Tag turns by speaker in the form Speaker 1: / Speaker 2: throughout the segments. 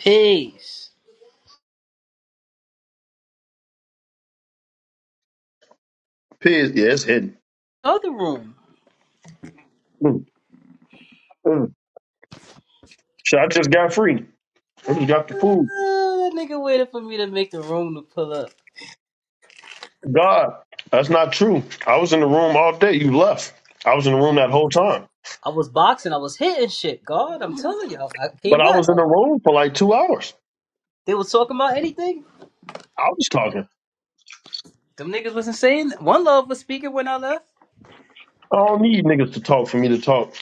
Speaker 1: Peace.
Speaker 2: Piz, yeah, it's hidden.
Speaker 1: Other room.
Speaker 2: Mm, mm. Shit, I just got free. I just got the
Speaker 1: Uh,
Speaker 2: food.
Speaker 1: that nigga waited for me to make the room to pull up.
Speaker 2: God, that's not true. I was in the room all day. You left. I was in the room that whole time.
Speaker 1: I was boxing. I was hitting shit. God, I'm telling y'all. I came
Speaker 2: But I
Speaker 1: back.
Speaker 2: was in
Speaker 1: Uh,
Speaker 2: the room for like two hours.
Speaker 1: they was talking about anything.
Speaker 2: I was talking.
Speaker 1: Them niggas wasn't saying. One Love was speaking when I left.
Speaker 2: I don't need niggas to talk for me to talk.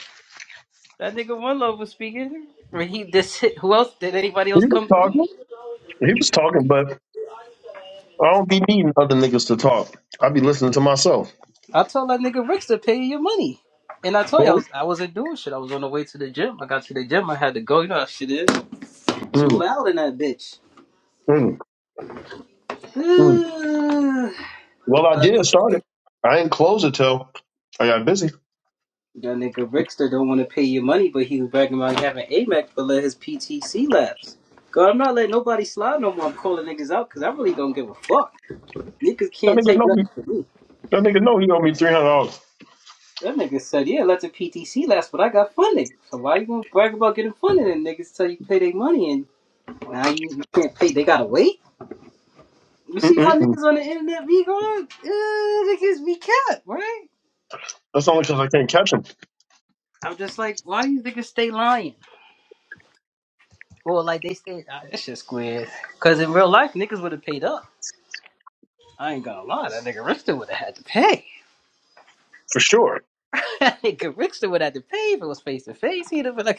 Speaker 1: That nigga One Love was speaking. When he this hit, who else did anybody
Speaker 2: He
Speaker 1: else
Speaker 2: was
Speaker 1: come through?
Speaker 2: talking. He was talking, but I don't be needing other niggas to talk. I be listening to myself.
Speaker 1: I told that nigga Ricks to pay your money. And I told you I
Speaker 2: Cool.
Speaker 1: was I wasn't doing shit. I was on the way to the gym. I got to the gym. I had to go. You know how shit is. Too
Speaker 2: Mm,
Speaker 1: loud in that bitch.
Speaker 2: mm, mm. Well, I
Speaker 1: but I
Speaker 2: did
Speaker 1: did
Speaker 2: start it. I ain't close it till I got busy.
Speaker 1: That nigga Rickster don't want to pay your money, but he was bragging about having a Mac but let his PTC lapse. God, I'm not letting nobody slide no more. I'm calling niggas out because I really don't give a fuck. Niggas
Speaker 2: That
Speaker 1: can't
Speaker 2: nigga
Speaker 1: take
Speaker 2: know me.
Speaker 1: nothing from me.
Speaker 2: That nigga know he owe me three hundred
Speaker 1: That nigga said, yeah, let the PTC lapse, but I got funding. So why you gonna brag about getting funding and niggas tell you pay their money and now you, you can't pay? They gotta wait. You see how
Speaker 2: dollars.
Speaker 1: niggas on the internet be going? Uh, niggas be kept, right?
Speaker 2: That's only because I can't catch him,
Speaker 1: I'm just like, why do you niggas stay lying? Well, like they said, ah, that shit squid. Cause in real life, niggas would have paid up. I ain't gonna lie, that nigga Richter would have had to pay.
Speaker 2: for sure.
Speaker 1: that nigga Richter would have had to pay if it was face to face. He'd have been like,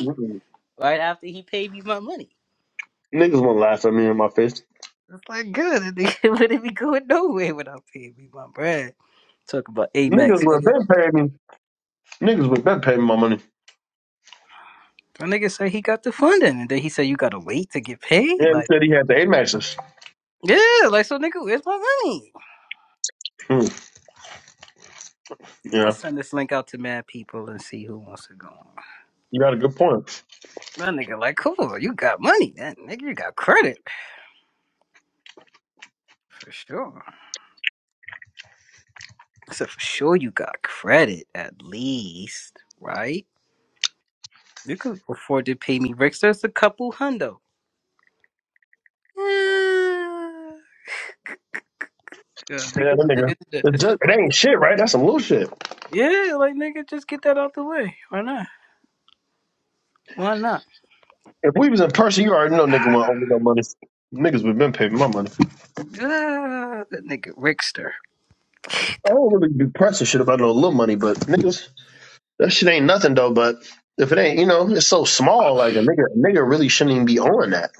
Speaker 2: Mm-mm.
Speaker 1: right after he paid me my money.
Speaker 2: Niggas won't laugh at me in my face.
Speaker 1: It's like good, that nigga wouldn't be going nowhere without paying me my bread. Talk about Amex,
Speaker 2: Niggas would
Speaker 1: nigga.
Speaker 2: bet pay me. Niggas would bet pay me my money.
Speaker 1: My nigga said he got the funding, and then he said you gotta wait to get paid.
Speaker 2: Yeah, he
Speaker 1: Like,
Speaker 2: said he had the eight matches.
Speaker 1: yeah, like so, nigga, where's my money?
Speaker 2: Hmm.
Speaker 1: I'm gonna
Speaker 2: Yeah,
Speaker 1: send this link out to mad people and see who wants to go. on.
Speaker 2: you got a good point.
Speaker 1: My nigga, like, cool, you got money then. Nigga, you got credit. For sure. I said, for sure you got credit, at least, right? You could afford to pay me Rick. There's a couple hundo. Yeah. God,
Speaker 2: Yeah, that
Speaker 1: niggas on the
Speaker 2: nigga.
Speaker 1: internet
Speaker 2: It,
Speaker 1: is
Speaker 2: just, it
Speaker 1: fuck.
Speaker 2: ain't shit, right? That's some little shit.
Speaker 1: Yeah, like, nigga, just get that out the way. Why not? Why not?
Speaker 2: If we was in person, you already know nigga won't owe me no money. Niggas would been paying me my money.
Speaker 1: Ah, that nigga Rickster.
Speaker 2: I
Speaker 1: The,
Speaker 2: don't really be pressing shit about no little money, but niggas, that shit ain't nothing though. But if it ain't, you know, it's so small. Like a nigga, a nigga really shouldn't even be owing that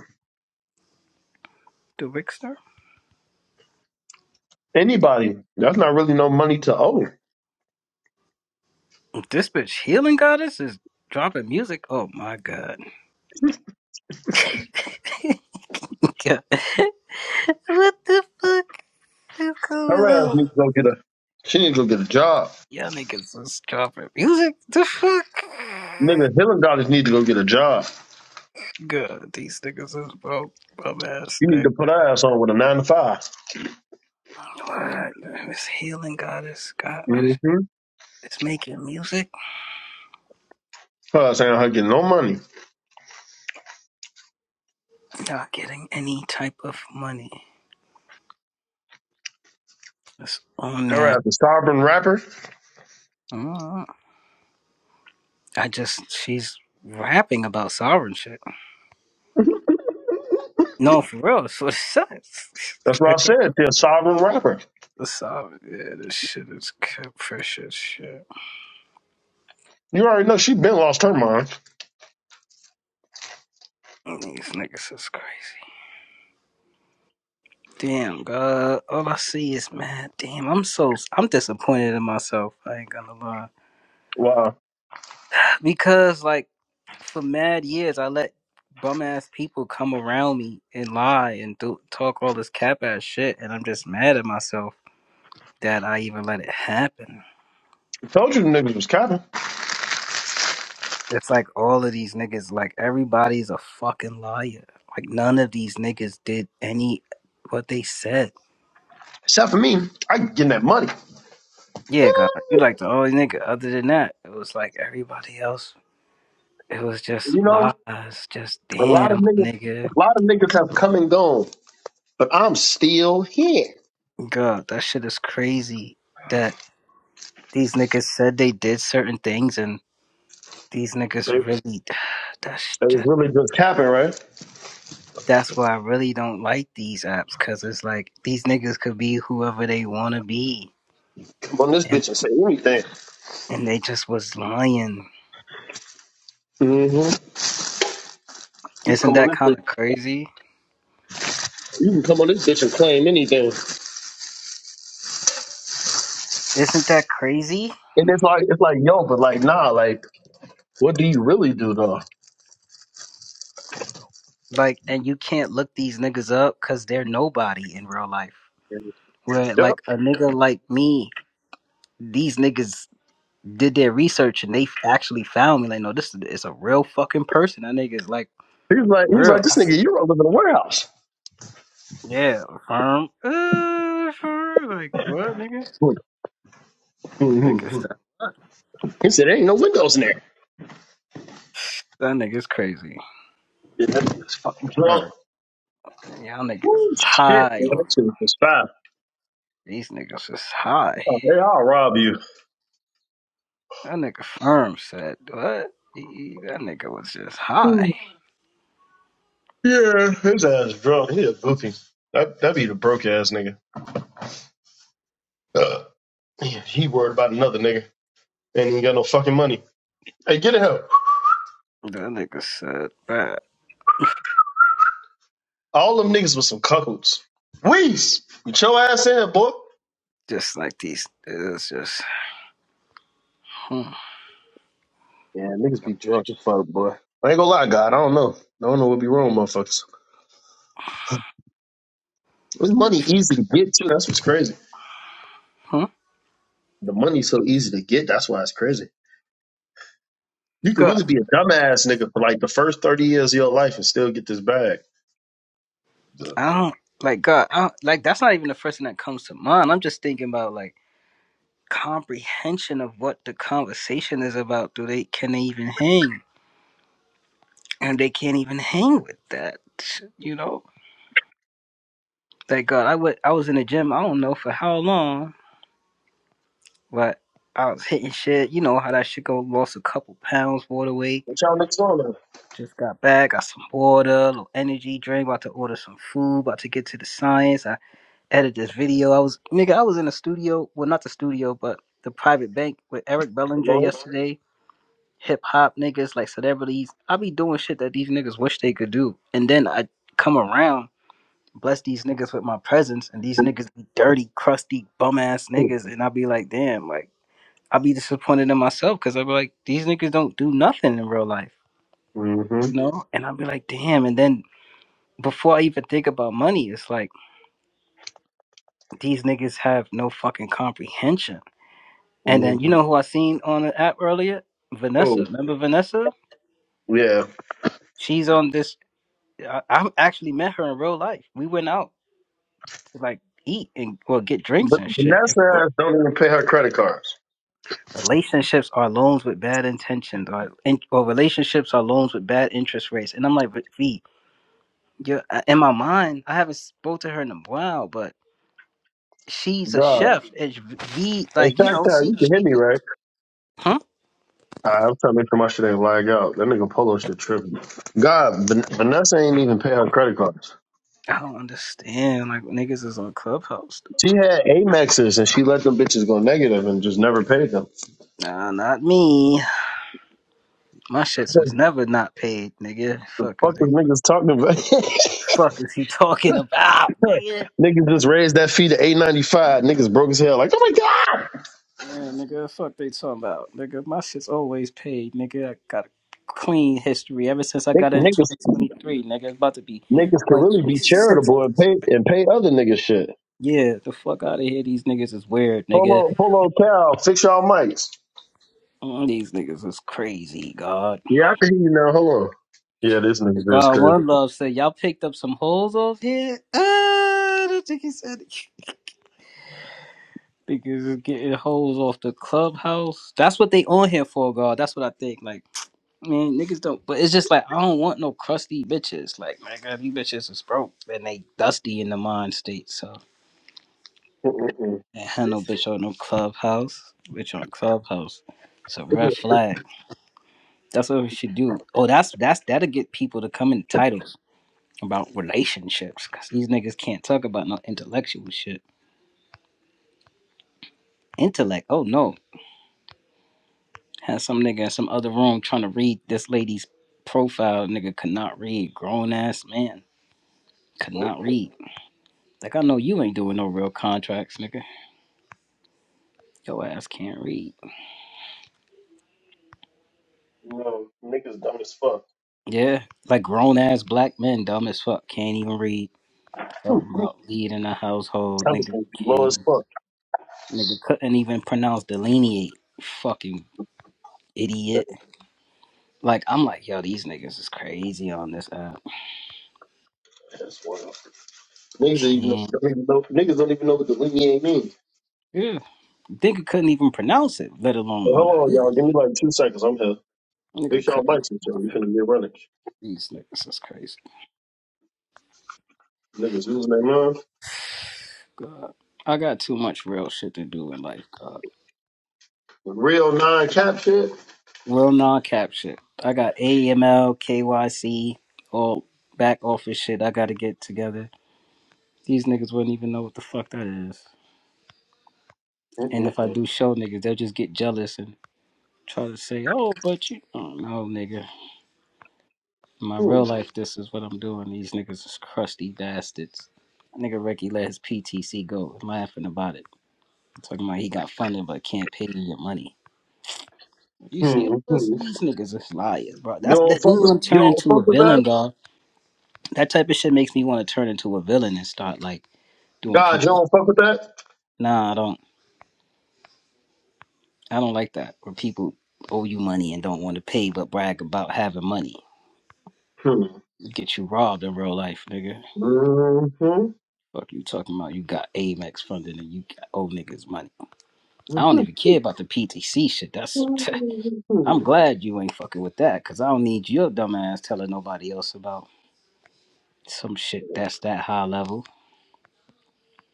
Speaker 1: the Rickster?
Speaker 2: anybody. That's not really no money to owe.
Speaker 1: This bitch healing goddess is dropping music. Oh my god. God. What the fuck is going
Speaker 2: Her ass
Speaker 1: on?
Speaker 2: needs to go get a She need to go get a job.
Speaker 1: Y'all niggas is dropping music. The
Speaker 2: nigga.
Speaker 1: fuck?
Speaker 2: Helen daughters need to go get a job.
Speaker 1: God, these niggas is broke. Bum ass
Speaker 2: You need
Speaker 1: nigga.
Speaker 2: to put her ass on with a nine to 5
Speaker 1: What? This healing goddess, God,
Speaker 2: Mm-hmm.
Speaker 1: is making music,
Speaker 2: Her ass ain't her getting no money.
Speaker 1: not getting any type of money. Just on
Speaker 2: Her
Speaker 1: that.
Speaker 2: ass a sovereign rapper.
Speaker 1: Mm. I just, she's rapping about sovereign shit. No, for real, that's what it says.
Speaker 2: That's what I said. She a sovereign rapper.
Speaker 1: the sovereign, yeah, this shit is capricious shit.
Speaker 2: You already know she been lost her mind.
Speaker 1: These niggas is crazy. Damn, God. All I see is, man, damn, I'm so, I'm disappointed in myself. I ain't gonna lie.
Speaker 2: Wow.
Speaker 1: Because, like, for mad years, I let bum ass people come around me and lie and do, talk all this cap ass shit. And I'm just mad at myself that I even let it happen.
Speaker 2: I told you the niggas was capping.
Speaker 1: It's like all of these niggas, like, everybody's a fucking liar. Like, none of these niggas did any what they said.
Speaker 2: Except for me, I getting that money.
Speaker 1: Yeah, God, you like the only nigga. Other than that, it was like everybody else. It was just
Speaker 2: You know,
Speaker 1: lies. Just
Speaker 2: a lot of
Speaker 1: damn, my
Speaker 2: niggas,
Speaker 1: nigga.
Speaker 2: A lot of niggas have come and gone, but I'm still here.
Speaker 1: God, that shit is crazy. That these niggas said they did certain things, and these niggas
Speaker 2: they
Speaker 1: really. That's
Speaker 2: they was
Speaker 1: just.
Speaker 2: really just Capping, right?
Speaker 1: That's why I really don't like these apps, cause it's like these niggas could be whoever they wanna be,
Speaker 2: Come on this
Speaker 1: and
Speaker 2: bitch and say anything.
Speaker 1: and they just was lying.
Speaker 2: hmm You
Speaker 1: Isn't
Speaker 2: come on
Speaker 1: that
Speaker 2: this
Speaker 1: kind of
Speaker 2: bitch.
Speaker 1: crazy?
Speaker 2: You can come on this bitch and claim anything. And
Speaker 1: Isn't that crazy?
Speaker 2: it's like it's like yo, but like nah, like what do you really do though?
Speaker 1: Like, and you can't look these niggas up because they're nobody in real life. Where,
Speaker 2: Yep.
Speaker 1: like, a nigga like me, these niggas did their research and they actually found me. Like, no, this is a real fucking person. That nigga is, like,
Speaker 2: He was like he was
Speaker 1: real.
Speaker 2: like
Speaker 1: I
Speaker 2: this
Speaker 1: s-
Speaker 2: nigga, you don't live in a warehouse.
Speaker 1: yeah, firm. Uh, firm. Like, what, nigga? Nigga,
Speaker 2: hmm
Speaker 1: stop.
Speaker 2: He said there ain't no windows in there.
Speaker 1: That nigga's crazy.
Speaker 2: Yeah, that nigga's fucking drunk.
Speaker 1: Firm. Y'all niggas
Speaker 2: Woo,
Speaker 1: is
Speaker 2: shit,
Speaker 1: high
Speaker 2: man,
Speaker 1: on
Speaker 2: that shit was fine.
Speaker 1: these niggas is high.
Speaker 2: Oh, hey, I'll rob you.
Speaker 1: That nigga firm said, what? He- That nigga was just high.
Speaker 2: Hmm. Yeah, his ass drunk. He a goofy. That that be the broke ass nigga. Uh, he he worried about another nigga, and he ain't got no fucking money. Hey, get it help.
Speaker 1: That nigga said that
Speaker 2: All them niggas was some cuckolds. Weez, get your ass in here, boy.
Speaker 1: just like these. It's just hmm,
Speaker 2: Yeah, niggas be drunk as fuck, boy. I ain't gonna lie, God. I don't know. I don't know what be wrong, with motherfuckers. This money easy to get too. That's what's crazy.
Speaker 1: hmm.
Speaker 2: The money's so easy to get. That's why it's crazy. You could
Speaker 1: God.
Speaker 2: really be a dumbass nigga for like the first thirty years of your life and still get this bag. Duh.
Speaker 1: I don't like God. I don't, like that's not even the first thing that comes to mind. I'm just thinking about like comprehension of what the conversation is about. Do they can they even hang? And they can't even hang with that. You know. Like God, I would. I was in the gym. I don't know for how long, but I was hitting shit. You know how that shit go. Lost a couple pounds, water weight.
Speaker 2: What y'all niggas on now?
Speaker 1: Just got back, got some water, a little energy drink, about to order some food, about to get to the science. I edit this video. I was nigga, I was in the studio, well not the studio, but the private bank with Eric Bellinger
Speaker 2: Hello.
Speaker 1: yesterday. Hip hop niggas, like celebrities. I be doing shit that these niggas wish they could do. And then I come around, bless these niggas with my presence, and these niggas be dirty, crusty, bum ass niggas, and I be like, damn, like I be disappointed in myself because I be like, these niggas don't do nothing in real life
Speaker 2: Mm-hmm.
Speaker 1: you know? And I'd be like, damn. And then before I even think about money, it's like these niggas have no fucking comprehension. And then you
Speaker 2: Mm-hmm.
Speaker 1: know who I seen on the app earlier? Vanessa.
Speaker 2: Oh
Speaker 1: Remember Vanessa?
Speaker 2: yeah,
Speaker 1: She's on this. I, I actually met her in real life. We went out to like eat and well get drinks
Speaker 2: but
Speaker 1: and shit.
Speaker 2: Vanessa ass don't even pay her credit cards.
Speaker 1: Relationships are loans with bad intentions, or in, or relationships are loans with bad interest rates. And I'm like, but V, you're, uh, in my mind, I haven't spoke to her in a while, but she's a
Speaker 2: God.
Speaker 1: chef. It's V,
Speaker 2: Hey,
Speaker 1: like you
Speaker 2: Shack
Speaker 1: know,
Speaker 2: Town,
Speaker 1: she,
Speaker 2: you can hit
Speaker 1: she,
Speaker 2: me, right?
Speaker 1: huh?
Speaker 2: Alright, I'm trying to make sure my shit ain't lag out. That nigga Polo shit tripping. God, Van- Vanessa ain't even pay her credit cards.
Speaker 1: I don't understand. Like niggas is on Clubhouse though.
Speaker 2: She had Amexes and she let them bitches go negative and just never paid them.
Speaker 1: Nah, not me. My shits was
Speaker 2: the
Speaker 1: never not paid, nigga. Fuck
Speaker 2: fuck
Speaker 1: is they
Speaker 2: is niggas talking about?
Speaker 1: fuck is he talking about, nigga?
Speaker 2: niggas just raised that fee to eight ninety five. Niggas broke as hell like, oh my god.
Speaker 1: Yeah, nigga, fuck they talking about. Nigga, my shit's always paid, nigga. I got a clean history ever since I
Speaker 2: Nick-
Speaker 1: got in twenty
Speaker 2: Niggas,
Speaker 1: twenty three, nigga. It's about to be
Speaker 2: niggas could
Speaker 1: twenty
Speaker 2: really
Speaker 1: twenty
Speaker 2: be
Speaker 1: six.
Speaker 2: charitable and pay and pay other niggas shit.
Speaker 1: Yeah, the fuck out of here. These niggas is weird, nigga.
Speaker 2: Polo, Polo Cal, fix y'all mics.
Speaker 1: Mm, These niggas is crazy, God.
Speaker 2: Yeah, I can hear you now. Hold on. Yeah, this nigga is
Speaker 1: God
Speaker 2: crazy.
Speaker 1: one love said y'all picked up some hoes off here. Uh, I don't think he said it. Niggas is getting hoes off the clubhouse. That's what they on here for, God. That's what I think. Like, man, niggas don't. But it's just like I don't want no crusty bitches. Like, my God, these bitches is broke and they dusty in the mind state. So,
Speaker 2: Mm-mm-mm.
Speaker 1: and had no bitch on no clubhouse. Bitch on clubhouse. It's a red flag. That's what we should do. Oh, that's that's that'll get people to come in titles. about relationships because these niggas can't talk about no intellectual shit. Intellect, oh no. Had some nigga in some other room trying to read this lady's profile. Nigga could not read. Grown ass man could not read. Like I know you ain't doing no real contracts, nigga. Your ass can't read.
Speaker 2: You know, niggas dumb as fuck.
Speaker 1: Yeah, like grown ass black men, dumb as fuck, can't even read. Talking about leading a household,
Speaker 2: Intelligence
Speaker 1: nigga
Speaker 2: be
Speaker 1: can't
Speaker 2: low as
Speaker 1: even,
Speaker 2: fuck.
Speaker 1: nigga couldn't even pronounce delineate. Fucking idiot. Like I'm like, yo, these niggas is crazy on this app.
Speaker 2: That's wild. Niggas even
Speaker 1: And
Speaker 2: don't even know niggas don't even know what the delineate means.
Speaker 1: yeah, nigga couldn't even pronounce it, let
Speaker 2: Hey,
Speaker 1: alone what
Speaker 2: hold on,
Speaker 1: it.
Speaker 2: y'all. Give me like two seconds. I'm here. Make
Speaker 1: Nigga
Speaker 2: sure y'all
Speaker 1: couldn't
Speaker 2: mics and shit. We
Speaker 1: pronounce it.
Speaker 2: finna get running.
Speaker 1: These niggas is crazy.
Speaker 2: Niggas losing their mind.
Speaker 1: God, I got too much real shit to do in life. God,
Speaker 2: Real nine cap shit.
Speaker 1: real non-cap shit. I got AML, KYC, all back office shit. I got to get together. These niggas wouldn't even know what the fuck that is. And if I
Speaker 2: Mm-mm-mm.
Speaker 1: do show niggas, they'll just get jealous and try to say, "Oh, but you." Oh no, nigga. In my
Speaker 2: Hmm.
Speaker 1: real life, this is what I'm doing. These niggas is crusty bastards. Nigga Ricky let his PTC go, laughing about it. Talking about he got funded but can't pay you your money. You see,
Speaker 2: Hmm.
Speaker 1: this-
Speaker 2: hmm.
Speaker 1: these niggas is liars, bro.
Speaker 2: You
Speaker 1: That's
Speaker 2: don't
Speaker 1: that
Speaker 2: fuck
Speaker 1: means
Speaker 2: with
Speaker 1: I'm
Speaker 2: you
Speaker 1: turning
Speaker 2: don't
Speaker 1: into
Speaker 2: fuck
Speaker 1: a
Speaker 2: with
Speaker 1: villain,
Speaker 2: that?
Speaker 1: God. That type of shit makes me want to turn into a villain and start like doing
Speaker 2: God, you
Speaker 1: people.
Speaker 2: don't fuck with that?
Speaker 1: Nah, I don't. I don't like that. Where people owe you money and don't want to pay, but brag about having money.
Speaker 2: Hmm.
Speaker 1: Get you robbed in real life, nigga.
Speaker 2: Mm-hmm.
Speaker 1: Fuck you talking about? You got Amex funding and you got owe niggas money. I don't
Speaker 2: Mm-hmm.
Speaker 1: even care about the PTC shit. That's I'm
Speaker 2: Mm-hmm.
Speaker 1: glad you ain't fucking with that because I don't need your dumb ass telling nobody else about some shit that's that high level.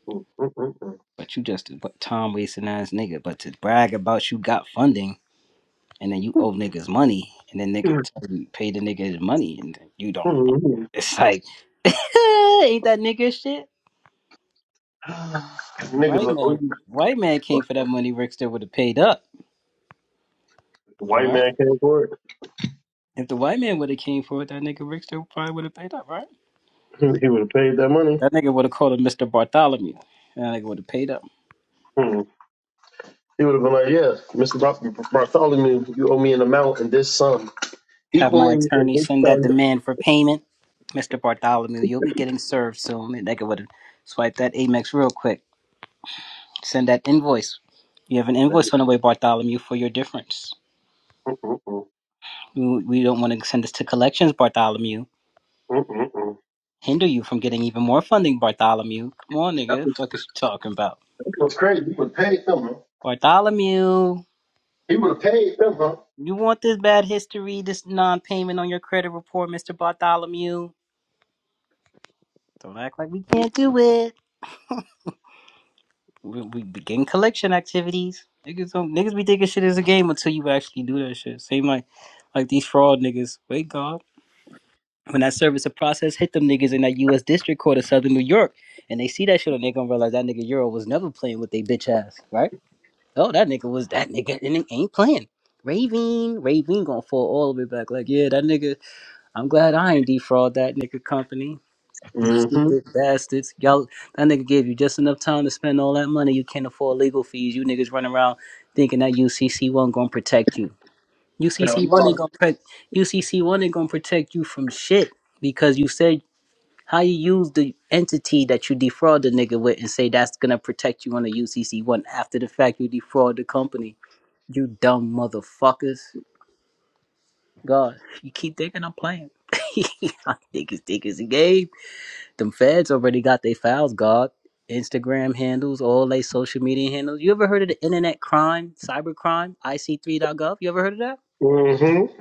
Speaker 2: Mm-hmm. Mm-hmm.
Speaker 1: But you just a time wasting ass nigga. But to brag about you got funding and then you owe niggas money and then nigga tell you pay the nigga his money and then you don't.
Speaker 2: Mm-hmm.
Speaker 1: It's like ain't that nigga shit?
Speaker 2: Mm-hmm. Niggas
Speaker 1: White
Speaker 2: are
Speaker 1: man,
Speaker 2: OG.
Speaker 1: white man came for that money. Rickster would have paid up,
Speaker 2: White
Speaker 1: right?
Speaker 2: man came for it.
Speaker 1: If the white man would have came for it, that nigga Rickster probably would have paid up, right?
Speaker 2: he would have paid that money.
Speaker 1: That nigga would have called him Mr. Bartholomew. That nigga would have paid up.
Speaker 2: Hmm. He would have been like, "Yeah, Mister Bar- Bartholomew, you owe me an amount in this sum,
Speaker 1: Have my
Speaker 2: equaling in
Speaker 1: attorney
Speaker 2: this
Speaker 1: send that
Speaker 2: sum."
Speaker 1: demand for payment. Mr. Bartholomew, you'll be getting served soon. That nigga would have swiped that Amex real quick. Send that invoice. You have an invoice on the way, Bartholomew, for your difference.
Speaker 2: Mm-mm-mm.
Speaker 1: We, we don't want to send this to collections, Bartholomew.
Speaker 2: Mm-mm-mm.
Speaker 1: Hinder you from getting even more funding, Bartholomew. Come on,
Speaker 2: That
Speaker 1: nigga.
Speaker 2: was,
Speaker 1: fuck is you talking about?
Speaker 2: that was crazy. He would have paid them. Huh?
Speaker 1: Bartholomew,
Speaker 2: He would have paid them, huh?
Speaker 1: you want this bad history, this non payment on your credit report, Mr. Bartholomew? Don't act like we can't do it. We, we begin collection activities. Niggas don't niggas be thinking shit is a game until you actually do that shit. Same like like these fraud niggas. Wait God. When that service of process hit them niggas in that US District Court of Southern New York and they see that shit and they gonna realize that nigga Euro was never playing with they bitch ass, right? Oh that nigga was that nigga and it ain't playing. Ravine, Ravine gonna fall all the way back. Like, yeah, that nigga, I'm glad I ain't defraud that nigga company. You
Speaker 2: Mm-hmm.
Speaker 1: stupid bastards. Y'all, that nigga gave you just enough time to spend all that money. You can't afford legal fees. You niggas running around thinking that UCC one gonna protect you.
Speaker 2: Hell
Speaker 1: UCC one
Speaker 2: no.
Speaker 1: ain't gonna protect. UCC one ain't gonna protect you from shit because you said how you use the entity that you defraud the nigga with and say that's gonna protect you on the UCC one after the fact you defraud the company. You dumb motherfuckers. God, you keep thinking I'm playing. I think it's, think it's a game. Them feds already got their files, God. Instagram handles, all they social media handles. You ever heard of the internet crime, cyber crime, IC3.gov? You ever heard of that?
Speaker 2: Mm-hmm.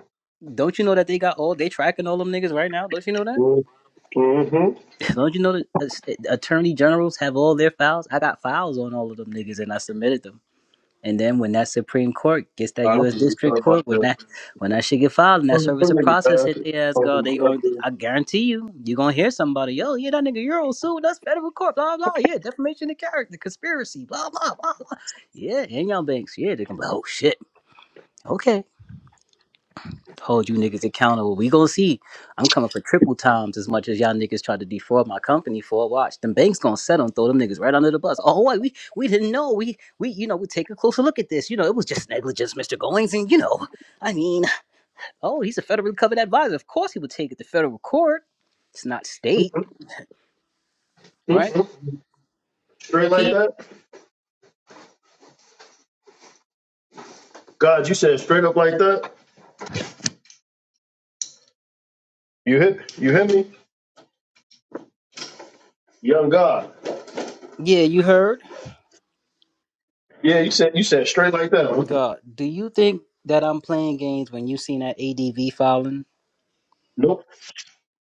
Speaker 1: Don't you know that they got all, they tracking all them niggas right now? Don't you know that?
Speaker 2: Mm-hmm.
Speaker 1: Don't you know that uh, attorney generals have all their files? I got files on all of them niggas and I submitted them. And then when that Supreme Court gets that
Speaker 2: I don't
Speaker 1: U.S.
Speaker 2: think we
Speaker 1: District
Speaker 2: sorry about
Speaker 1: Court, when
Speaker 2: this.
Speaker 1: that when that shit get filed and that
Speaker 2: Them
Speaker 1: service of
Speaker 2: niggas
Speaker 1: process
Speaker 2: bad.
Speaker 1: hit their ass, go
Speaker 2: Um,
Speaker 1: they going to I guarantee you, you gonna hear somebody, yo, yeah, that nigga Euro sued us federal court, blah blah, yeah, defamation of character, conspiracy, blah blah blah, blah. yeah, and y'all banks, yeah, they gonna be, like, oh shit, okay hold you niggas accountable. We gonna see. I'm coming for triple times as much as y'all niggas tried to defraud my company for. Watch, them banks gonna settle and throw them niggas right under the bus. Oh, wait, we we didn't know. We we you know we take a closer look at this. You know it was just negligence, Mr. Goings, and you know, I mean, oh, he's a federally covered advisor. Of course he would take it to federal court. It's not state, right?
Speaker 2: Mhm. Straight like
Speaker 1: P.
Speaker 2: that? God, you said straight up like that? You hit you hit me? Young God.
Speaker 1: Yeah, you heard.
Speaker 2: Yeah, you said you said straight like that. huh?
Speaker 1: God, do you think that I'm playing games when you seen that ADV filing?
Speaker 2: Nope.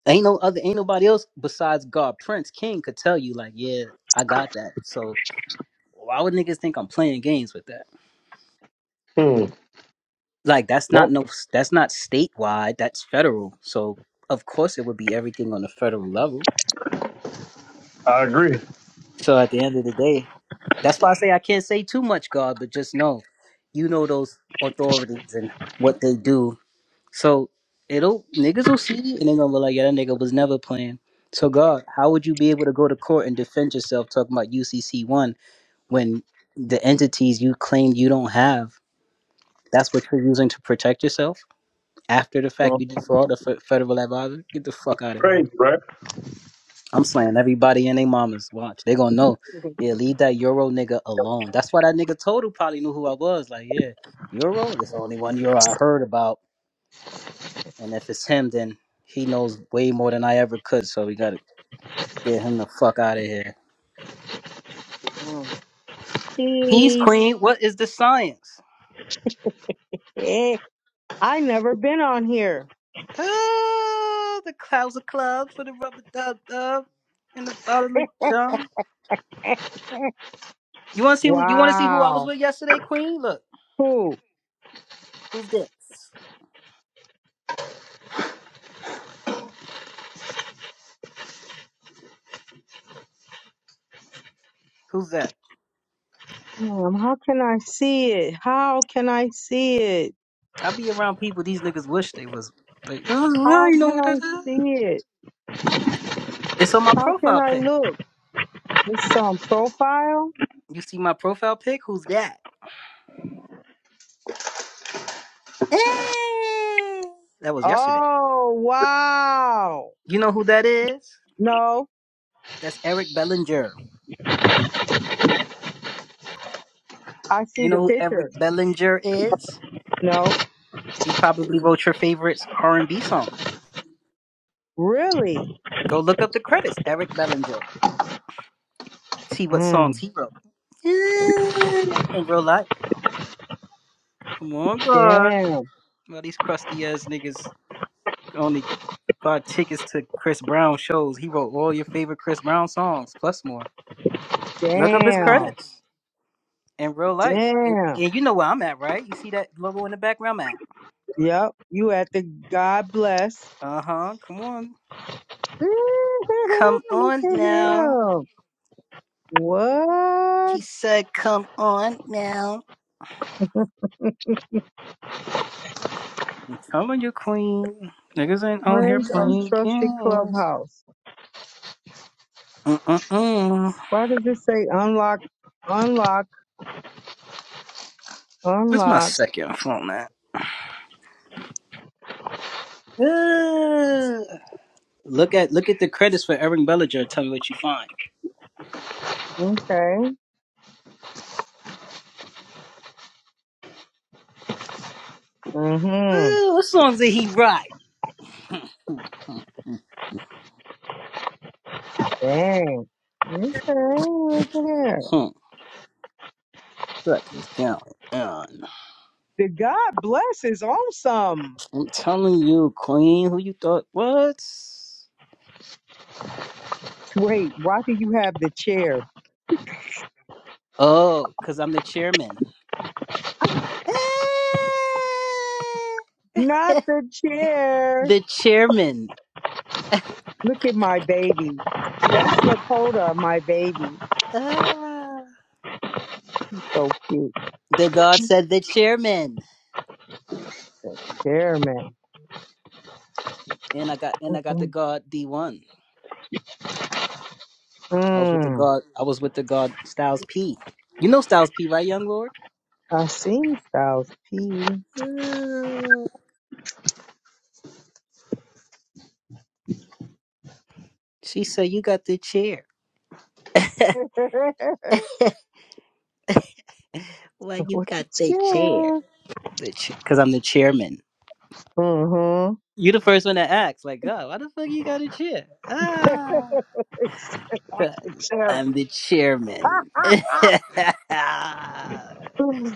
Speaker 1: Ain't no other, ain't nobody else besides God, Prince King, could tell you like, yeah, I got that. So why would niggas think I'm playing games with that?
Speaker 2: Hmm.
Speaker 1: Like that's not
Speaker 2: Well,
Speaker 1: no, that's not statewide. That's federal. So of course it would be everything on the federal level.
Speaker 2: I agree.
Speaker 1: So at the end of the day, that's why I say I can't say too much, God, but just know, you know those authorities and what they do. So it'll niggas will see and they're gonna be like, yeah, that nigga was never playing. So God, how would you be able to go to court and defend yourself talking about UCC one? when the entities you claim you don't have, that's what you're using to protect yourself after the fact
Speaker 2: Well,
Speaker 1: you defraud the fe- federal advisor? Get the fuck out of here.
Speaker 2: crazy, right?
Speaker 1: I'm slaying everybody and they mamas. Watch. They gonna know. Yeah, leave that Euro nigga alone. That's why that nigga Total probably knew who I was. Like, yeah, Euro? That's the only one Euro I heard about. And if it's him, then he knows way more than I ever could. So we gotta get him the fuck out of here.
Speaker 3: Mm.
Speaker 1: Peace
Speaker 3: Peace.
Speaker 1: Queen, what is the science?
Speaker 3: Hey, I never been on here.
Speaker 1: Oh, the clouds of clubs for the rubber dub dub and the bottle of jump. You want to see? who- You want to see who I was
Speaker 3: wow.
Speaker 1: with yesterday, Queen? Look,
Speaker 3: Cool.
Speaker 1: who's this? Who's that?
Speaker 3: Damn, how can I see it? How can I see it?
Speaker 1: I be around people these niggas wish they was like. Oh, well,
Speaker 3: How
Speaker 1: you know
Speaker 3: can
Speaker 1: what that
Speaker 3: I
Speaker 1: is?
Speaker 3: see it?
Speaker 1: It's on my
Speaker 3: How can
Speaker 1: profile
Speaker 3: I
Speaker 1: pic.
Speaker 3: look? It's on profile?
Speaker 1: You see my profile pic? Who's that? Eh. That was yesterday.
Speaker 3: Oh, wow.
Speaker 1: You know who that is?
Speaker 3: No,
Speaker 1: That's Eric Bellinger.
Speaker 3: I see
Speaker 1: You know
Speaker 3: the
Speaker 1: who
Speaker 3: picture.
Speaker 1: Eric Bellinger is?
Speaker 3: No,
Speaker 1: He probably wrote your favorite R and B song.
Speaker 3: really?
Speaker 1: Go look up the credits. Eric Bellinger. See what songs
Speaker 3: Mm,
Speaker 1: he wrote. Yeah, In real life. Come on, God.
Speaker 3: damn,
Speaker 1: Well, these crusty ass niggas only buy tickets to Chris Brown shows. He wrote all your favorite Chris Brown songs, plus more. Look up his
Speaker 3: damn,
Speaker 1: credits in real life. And,
Speaker 3: damn.
Speaker 1: and you know where I'm at, right? You see that logo in the background I'm at?
Speaker 3: Yep, you at the God bless.
Speaker 1: Uh huh. Come on.
Speaker 3: Look
Speaker 1: Come on
Speaker 3: at
Speaker 1: now.
Speaker 3: him.
Speaker 1: He
Speaker 3: What?
Speaker 1: said, come on now. I'm your queen. Niggas ain't out here
Speaker 3: Friends of
Speaker 1: playing
Speaker 3: Trusted
Speaker 1: games.
Speaker 3: Clubhouse.
Speaker 1: Mm-mm-mm.
Speaker 3: Why does it say unlock, unlock,
Speaker 1: Where's my
Speaker 3: unlock?
Speaker 1: second phone at? Uh, look at look at the credits for Eric Bellinger. and Tell me what you find.
Speaker 3: Okay. Mm-hmm.
Speaker 1: Uh, what songs did he write? Hmm.
Speaker 3: Dang. Okay. Look at that.
Speaker 1: hmm. Look, it's going on.
Speaker 3: The God bless is awesome.
Speaker 1: I'm telling you, Queen. Who you thought? What?
Speaker 3: Wait, why do you have the chair?
Speaker 1: Oh, cause I'm the chairman. Eh,
Speaker 3: Not the chair.
Speaker 1: the chairman.
Speaker 3: Look at my baby. That's Lakota, my baby.
Speaker 1: Ah.
Speaker 3: He's so cute.
Speaker 1: the God said the chairman,
Speaker 3: The chair, man.
Speaker 1: and I got and I got the God D one. I was with the
Speaker 3: Mm,
Speaker 1: god. I was with the god Styles P. You know Styles P, right, young lord?
Speaker 3: I've seen Styles P.
Speaker 1: Uh, She said you got the chair. Well, you
Speaker 3: With the
Speaker 1: got the chair.
Speaker 3: chair.
Speaker 1: The chair, because I'm the chairman.
Speaker 3: Mm-hmm.
Speaker 1: You the first one to ask, like, God, why the fuck you got a chair? Ah,
Speaker 3: the
Speaker 1: 'cause
Speaker 3: chair.
Speaker 1: I'm the chairman. These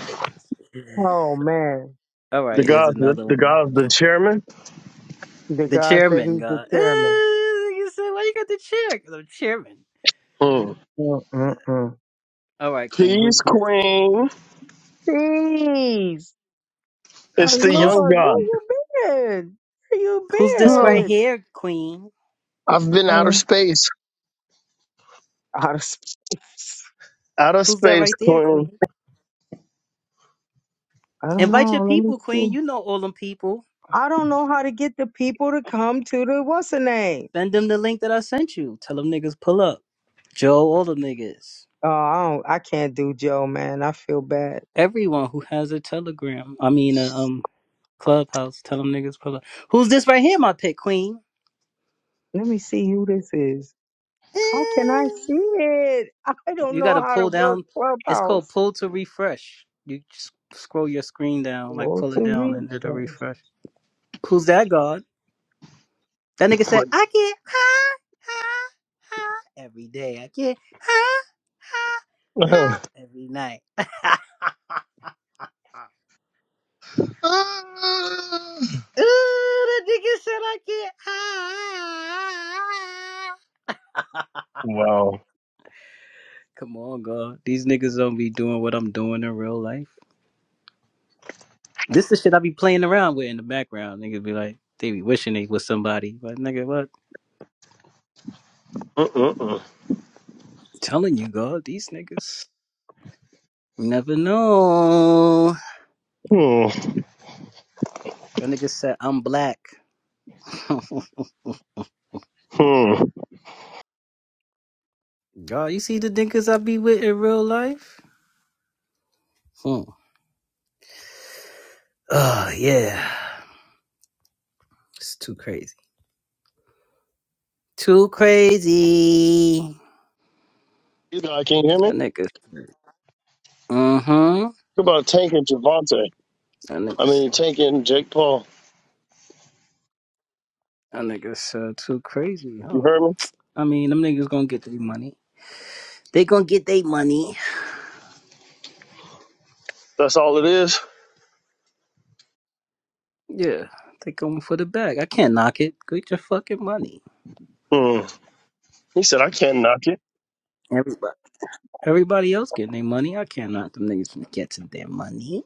Speaker 1: things.
Speaker 3: oh man.
Speaker 1: All
Speaker 2: The
Speaker 1: right, here's
Speaker 2: God's the,
Speaker 1: another
Speaker 2: the
Speaker 1: one.
Speaker 2: God's the chairman.
Speaker 3: The
Speaker 1: The
Speaker 3: God said
Speaker 1: chairman,
Speaker 3: he's the
Speaker 1: God.
Speaker 3: chairman.
Speaker 1: Ah, you said, why you got the chair? Because I'm chairman.
Speaker 2: Hmm.
Speaker 3: Mm-mm-mm.
Speaker 1: All right, Queen,
Speaker 2: Peace,
Speaker 1: who's this?
Speaker 2: Queen.
Speaker 3: Please. Oh,
Speaker 2: It's the
Speaker 1: Who's
Speaker 2: young
Speaker 3: Lord, where
Speaker 2: God.
Speaker 3: you been? Where you
Speaker 1: Who's this
Speaker 2: Huh.
Speaker 1: right
Speaker 3: been?
Speaker 1: here, Queen?
Speaker 2: I've been out of
Speaker 3: Mm,
Speaker 2: space.
Speaker 3: Out of space.
Speaker 2: Out of
Speaker 1: Who's that
Speaker 2: space,
Speaker 1: right there,
Speaker 2: Queen.
Speaker 1: Queen?
Speaker 3: I don't
Speaker 1: Invite your
Speaker 3: know. Let me
Speaker 1: people, Queen.
Speaker 3: see.
Speaker 1: You know all them people.
Speaker 3: I don't know how to get the people to come to the what's the name.
Speaker 1: Send them the link that I sent you. Tell them niggas pull up. Joe, all them niggas.
Speaker 3: Oh, I don't. I can't do Joe, man. I feel bad.
Speaker 1: Everyone who has a telegram. I mean, a um, clubhouse. Tell them niggas pull up. Who's this right here, my pet queen?
Speaker 3: Let me see who this is. How can I
Speaker 1: Eh.
Speaker 3: see it? I don't
Speaker 1: You
Speaker 3: know
Speaker 1: gotta
Speaker 3: how to
Speaker 1: pull
Speaker 3: work
Speaker 1: down. It's called
Speaker 3: Clubhouse.
Speaker 1: pull to refresh. You just scroll your screen down, like
Speaker 3: Go
Speaker 1: pull it
Speaker 3: to
Speaker 1: down, and it'll
Speaker 3: refresh.
Speaker 1: refresh. Who's that, God? That nigga said,
Speaker 2: What?
Speaker 1: I get high, high, high every day. I get high, high, high every night. Ooh,
Speaker 2: Huh. Ah.
Speaker 1: that nigga said I get high.
Speaker 2: wow.
Speaker 1: Come on, God. These niggas don't be doing what I'm doing in real life. This is shit I be playing around with in the background. Niggas be like, they be wishing they was somebody. But nigga, what?
Speaker 2: Mm-mm-mm.
Speaker 1: Telling you, God, these niggas. You Never know.
Speaker 2: Hmm.
Speaker 1: That nigga said I'm black.
Speaker 2: Hmm.
Speaker 1: Oh, you see the dinkers I be with in real life? Hmm. Oh, yeah. It's too crazy. Too crazy.
Speaker 2: You know, can you hear me?
Speaker 1: That nigga. Mm-hmm.
Speaker 2: What about Tank and Javante?
Speaker 1: That
Speaker 2: I
Speaker 1: niggas.
Speaker 2: mean, Tank and Jake Paul.
Speaker 1: That niggas uh, too crazy, huh?
Speaker 2: You heard me?
Speaker 1: I mean, them niggas gonna get their money. They gonna get their money.
Speaker 2: That's all it is.
Speaker 1: Yeah. They going for the bag. I can't knock it. Get your fucking money.
Speaker 2: Hmm. He said, I can't knock it.
Speaker 1: Everybody. Everybody else getting their money. I can't knock them niggas from getting their money.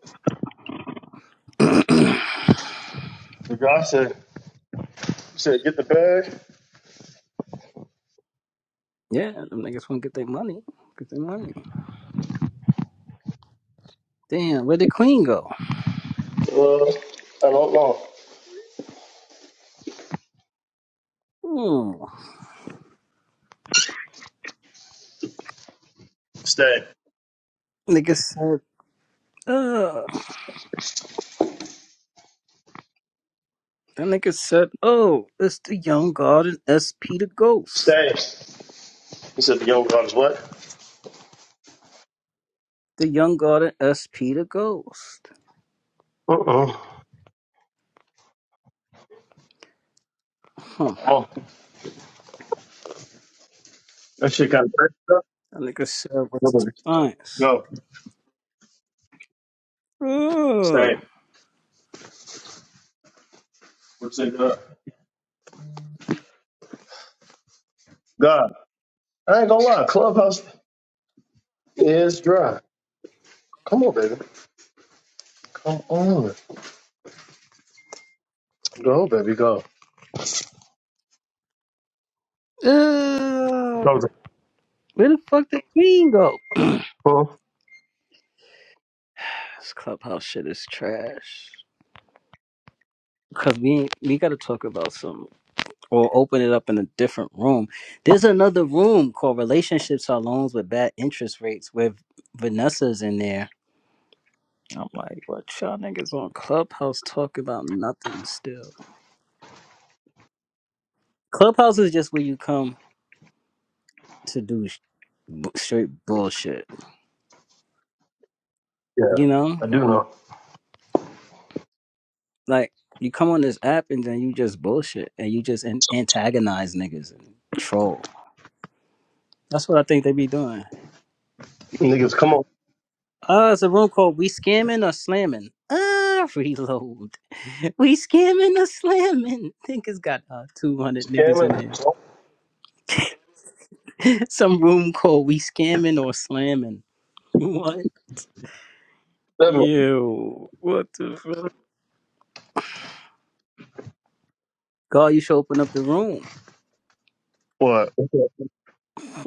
Speaker 1: yeah,
Speaker 2: The guy said, he said, get the bag.
Speaker 1: them niggas wanna get their money. Get their money. Damn, where the queen go?
Speaker 2: Uh, I don't know.
Speaker 1: Ooh.
Speaker 2: Stay.
Speaker 1: Nigga said, uh, that nigga said, oh, it's the young god and SP the ghost.
Speaker 2: Stay. He said, the young gun's what?
Speaker 1: The young god and SP the ghost.
Speaker 2: Uh-oh.
Speaker 1: Huh.
Speaker 2: Oh, that shit kind of crazy.
Speaker 1: That nigga said, what's the
Speaker 2: Nobody.
Speaker 1: science?
Speaker 2: No.
Speaker 1: Uh,
Speaker 2: Stay. What's it God? God. I ain't gonna lie. Clubhouse is dry. Come on, baby. Come on. Go, baby, go.
Speaker 1: uh,
Speaker 2: Go. to
Speaker 1: where the fuck the queen go? this
Speaker 2: Huh?
Speaker 1: clubhouse shit is trash. Cause we we gotta talk about some or open it up in a different room. There's another room called Relationships Are Loans with Bad Interest Rates with Vanessa's in there I'm like, what y'all niggas on Clubhouse talk about nothing still? Clubhouse is just where you come to do sh- b- straight bullshit.
Speaker 2: Yeah,
Speaker 1: You know,
Speaker 2: I do know.
Speaker 1: like you come on this app and then you just bullshit and you just an- antagonize niggas and troll. That's what I think they be doing.
Speaker 2: Niggas, come on.
Speaker 1: Uh, it's a room called "We Scamming or Slamming." Uh, reload. We scamming or slamming. Niggas got uh, two hundred niggas in
Speaker 2: Scamming.
Speaker 1: there. Some room called "We Scamming or Slamming." What? Ew. What the fuck? God, you should open up the room.
Speaker 2: What?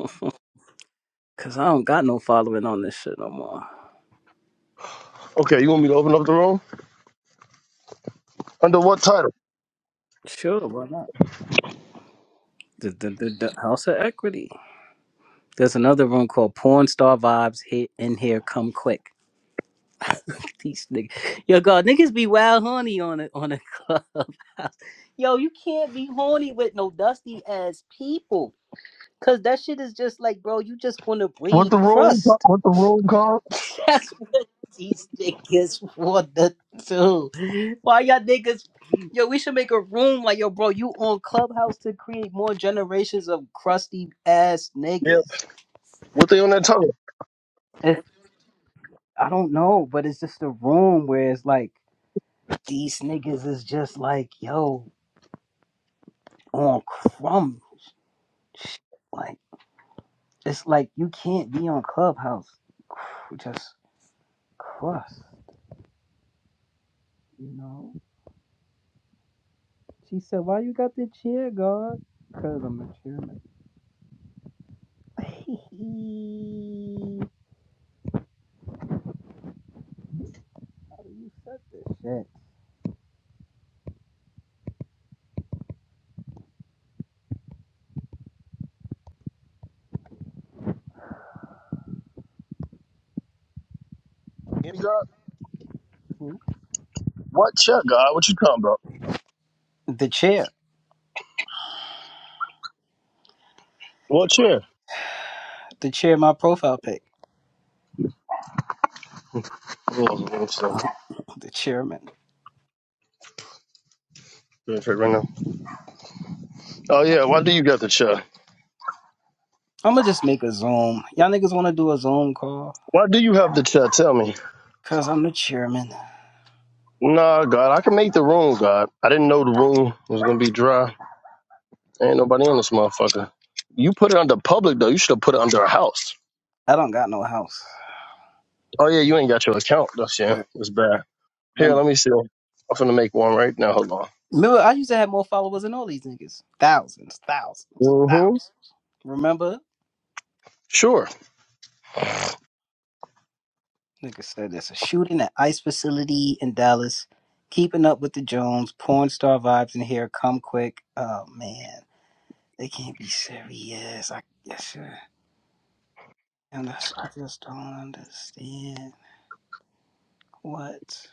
Speaker 1: Cause I don't got no following on this shit no more.
Speaker 2: Okay, you want me to open up the room? Under what title?
Speaker 1: Sure, why not? The, the, the, the House of Equity. There's another room called Porn Star Vibes. Hit in here, come quick. These niggas, yo, God, niggas be wild horny on a on a clubhouse. Yo, you can't be horny with no dusty ass people, cause that shit is just like, bro, you just want to
Speaker 2: What
Speaker 1: breed
Speaker 2: the room? ca-
Speaker 1: crust.
Speaker 2: What the room called?
Speaker 1: That's what these niggas want to do. Why y'all niggas? Yo, we should make a room like yo, bro. You on Clubhouse to create more generations of crusty ass
Speaker 2: Yeah.
Speaker 1: niggas.
Speaker 2: What they on that tongue?
Speaker 1: If, I don't know, but it's just a room where it's like these niggas is just like yo on crumb. shit. Like it's like you can't be on Clubhouse. cr- Just crust, you know. She said, "Why you got the chair guard?" Cause I'm a chairman. Hey, How do you set this
Speaker 2: Any God?
Speaker 1: shit?
Speaker 2: What chair, God? What you talking about?
Speaker 1: The chair.
Speaker 2: What chair?
Speaker 1: The chair, my profile pic.
Speaker 2: Hold on, hold on, hold on.
Speaker 1: Uh, The chairman.
Speaker 2: Doing it Right now. Oh yeah, why do you got the chair?
Speaker 1: I'm gonna just make a Zoom. Y'all niggas wanna do a Zoom call?
Speaker 2: Why do you have the chair? Tell me.
Speaker 1: Cause I'm the chairman.
Speaker 2: Nah, God, I can make the room, God. I didn't know the room was gonna be dry. Ain't nobody in this motherfucker. You put it under public though. You should have put it under a house.
Speaker 1: I don't got no house.
Speaker 2: Oh yeah, you ain't got your account. That's yeah.
Speaker 1: Uh,
Speaker 2: That's bad. Here,
Speaker 1: Remember,
Speaker 2: let me see. I'm finna make one right now. Hold on.
Speaker 1: remember I used to have more followers than all these niggas. Thousands, thousands,
Speaker 2: Mm-hmm.
Speaker 1: thousands. Remember?
Speaker 2: Sure.
Speaker 1: Nigga said there's a shooting at ICE facility in Dallas. Keeping up with the Jones, porn star vibes in here, come quick. Oh man. They can't be serious. I guess uh, and that's, I just don't understand what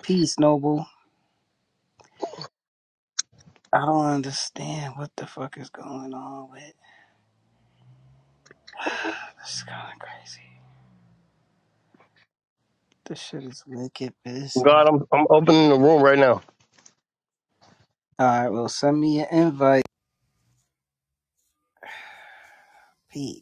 Speaker 1: peace, noble. I don't understand what the fuck is going on with. this is kind of crazy. This shit is wicked business.
Speaker 2: God, I'm I'm opening the room right now.
Speaker 1: All right, well, send me an invite. Peace.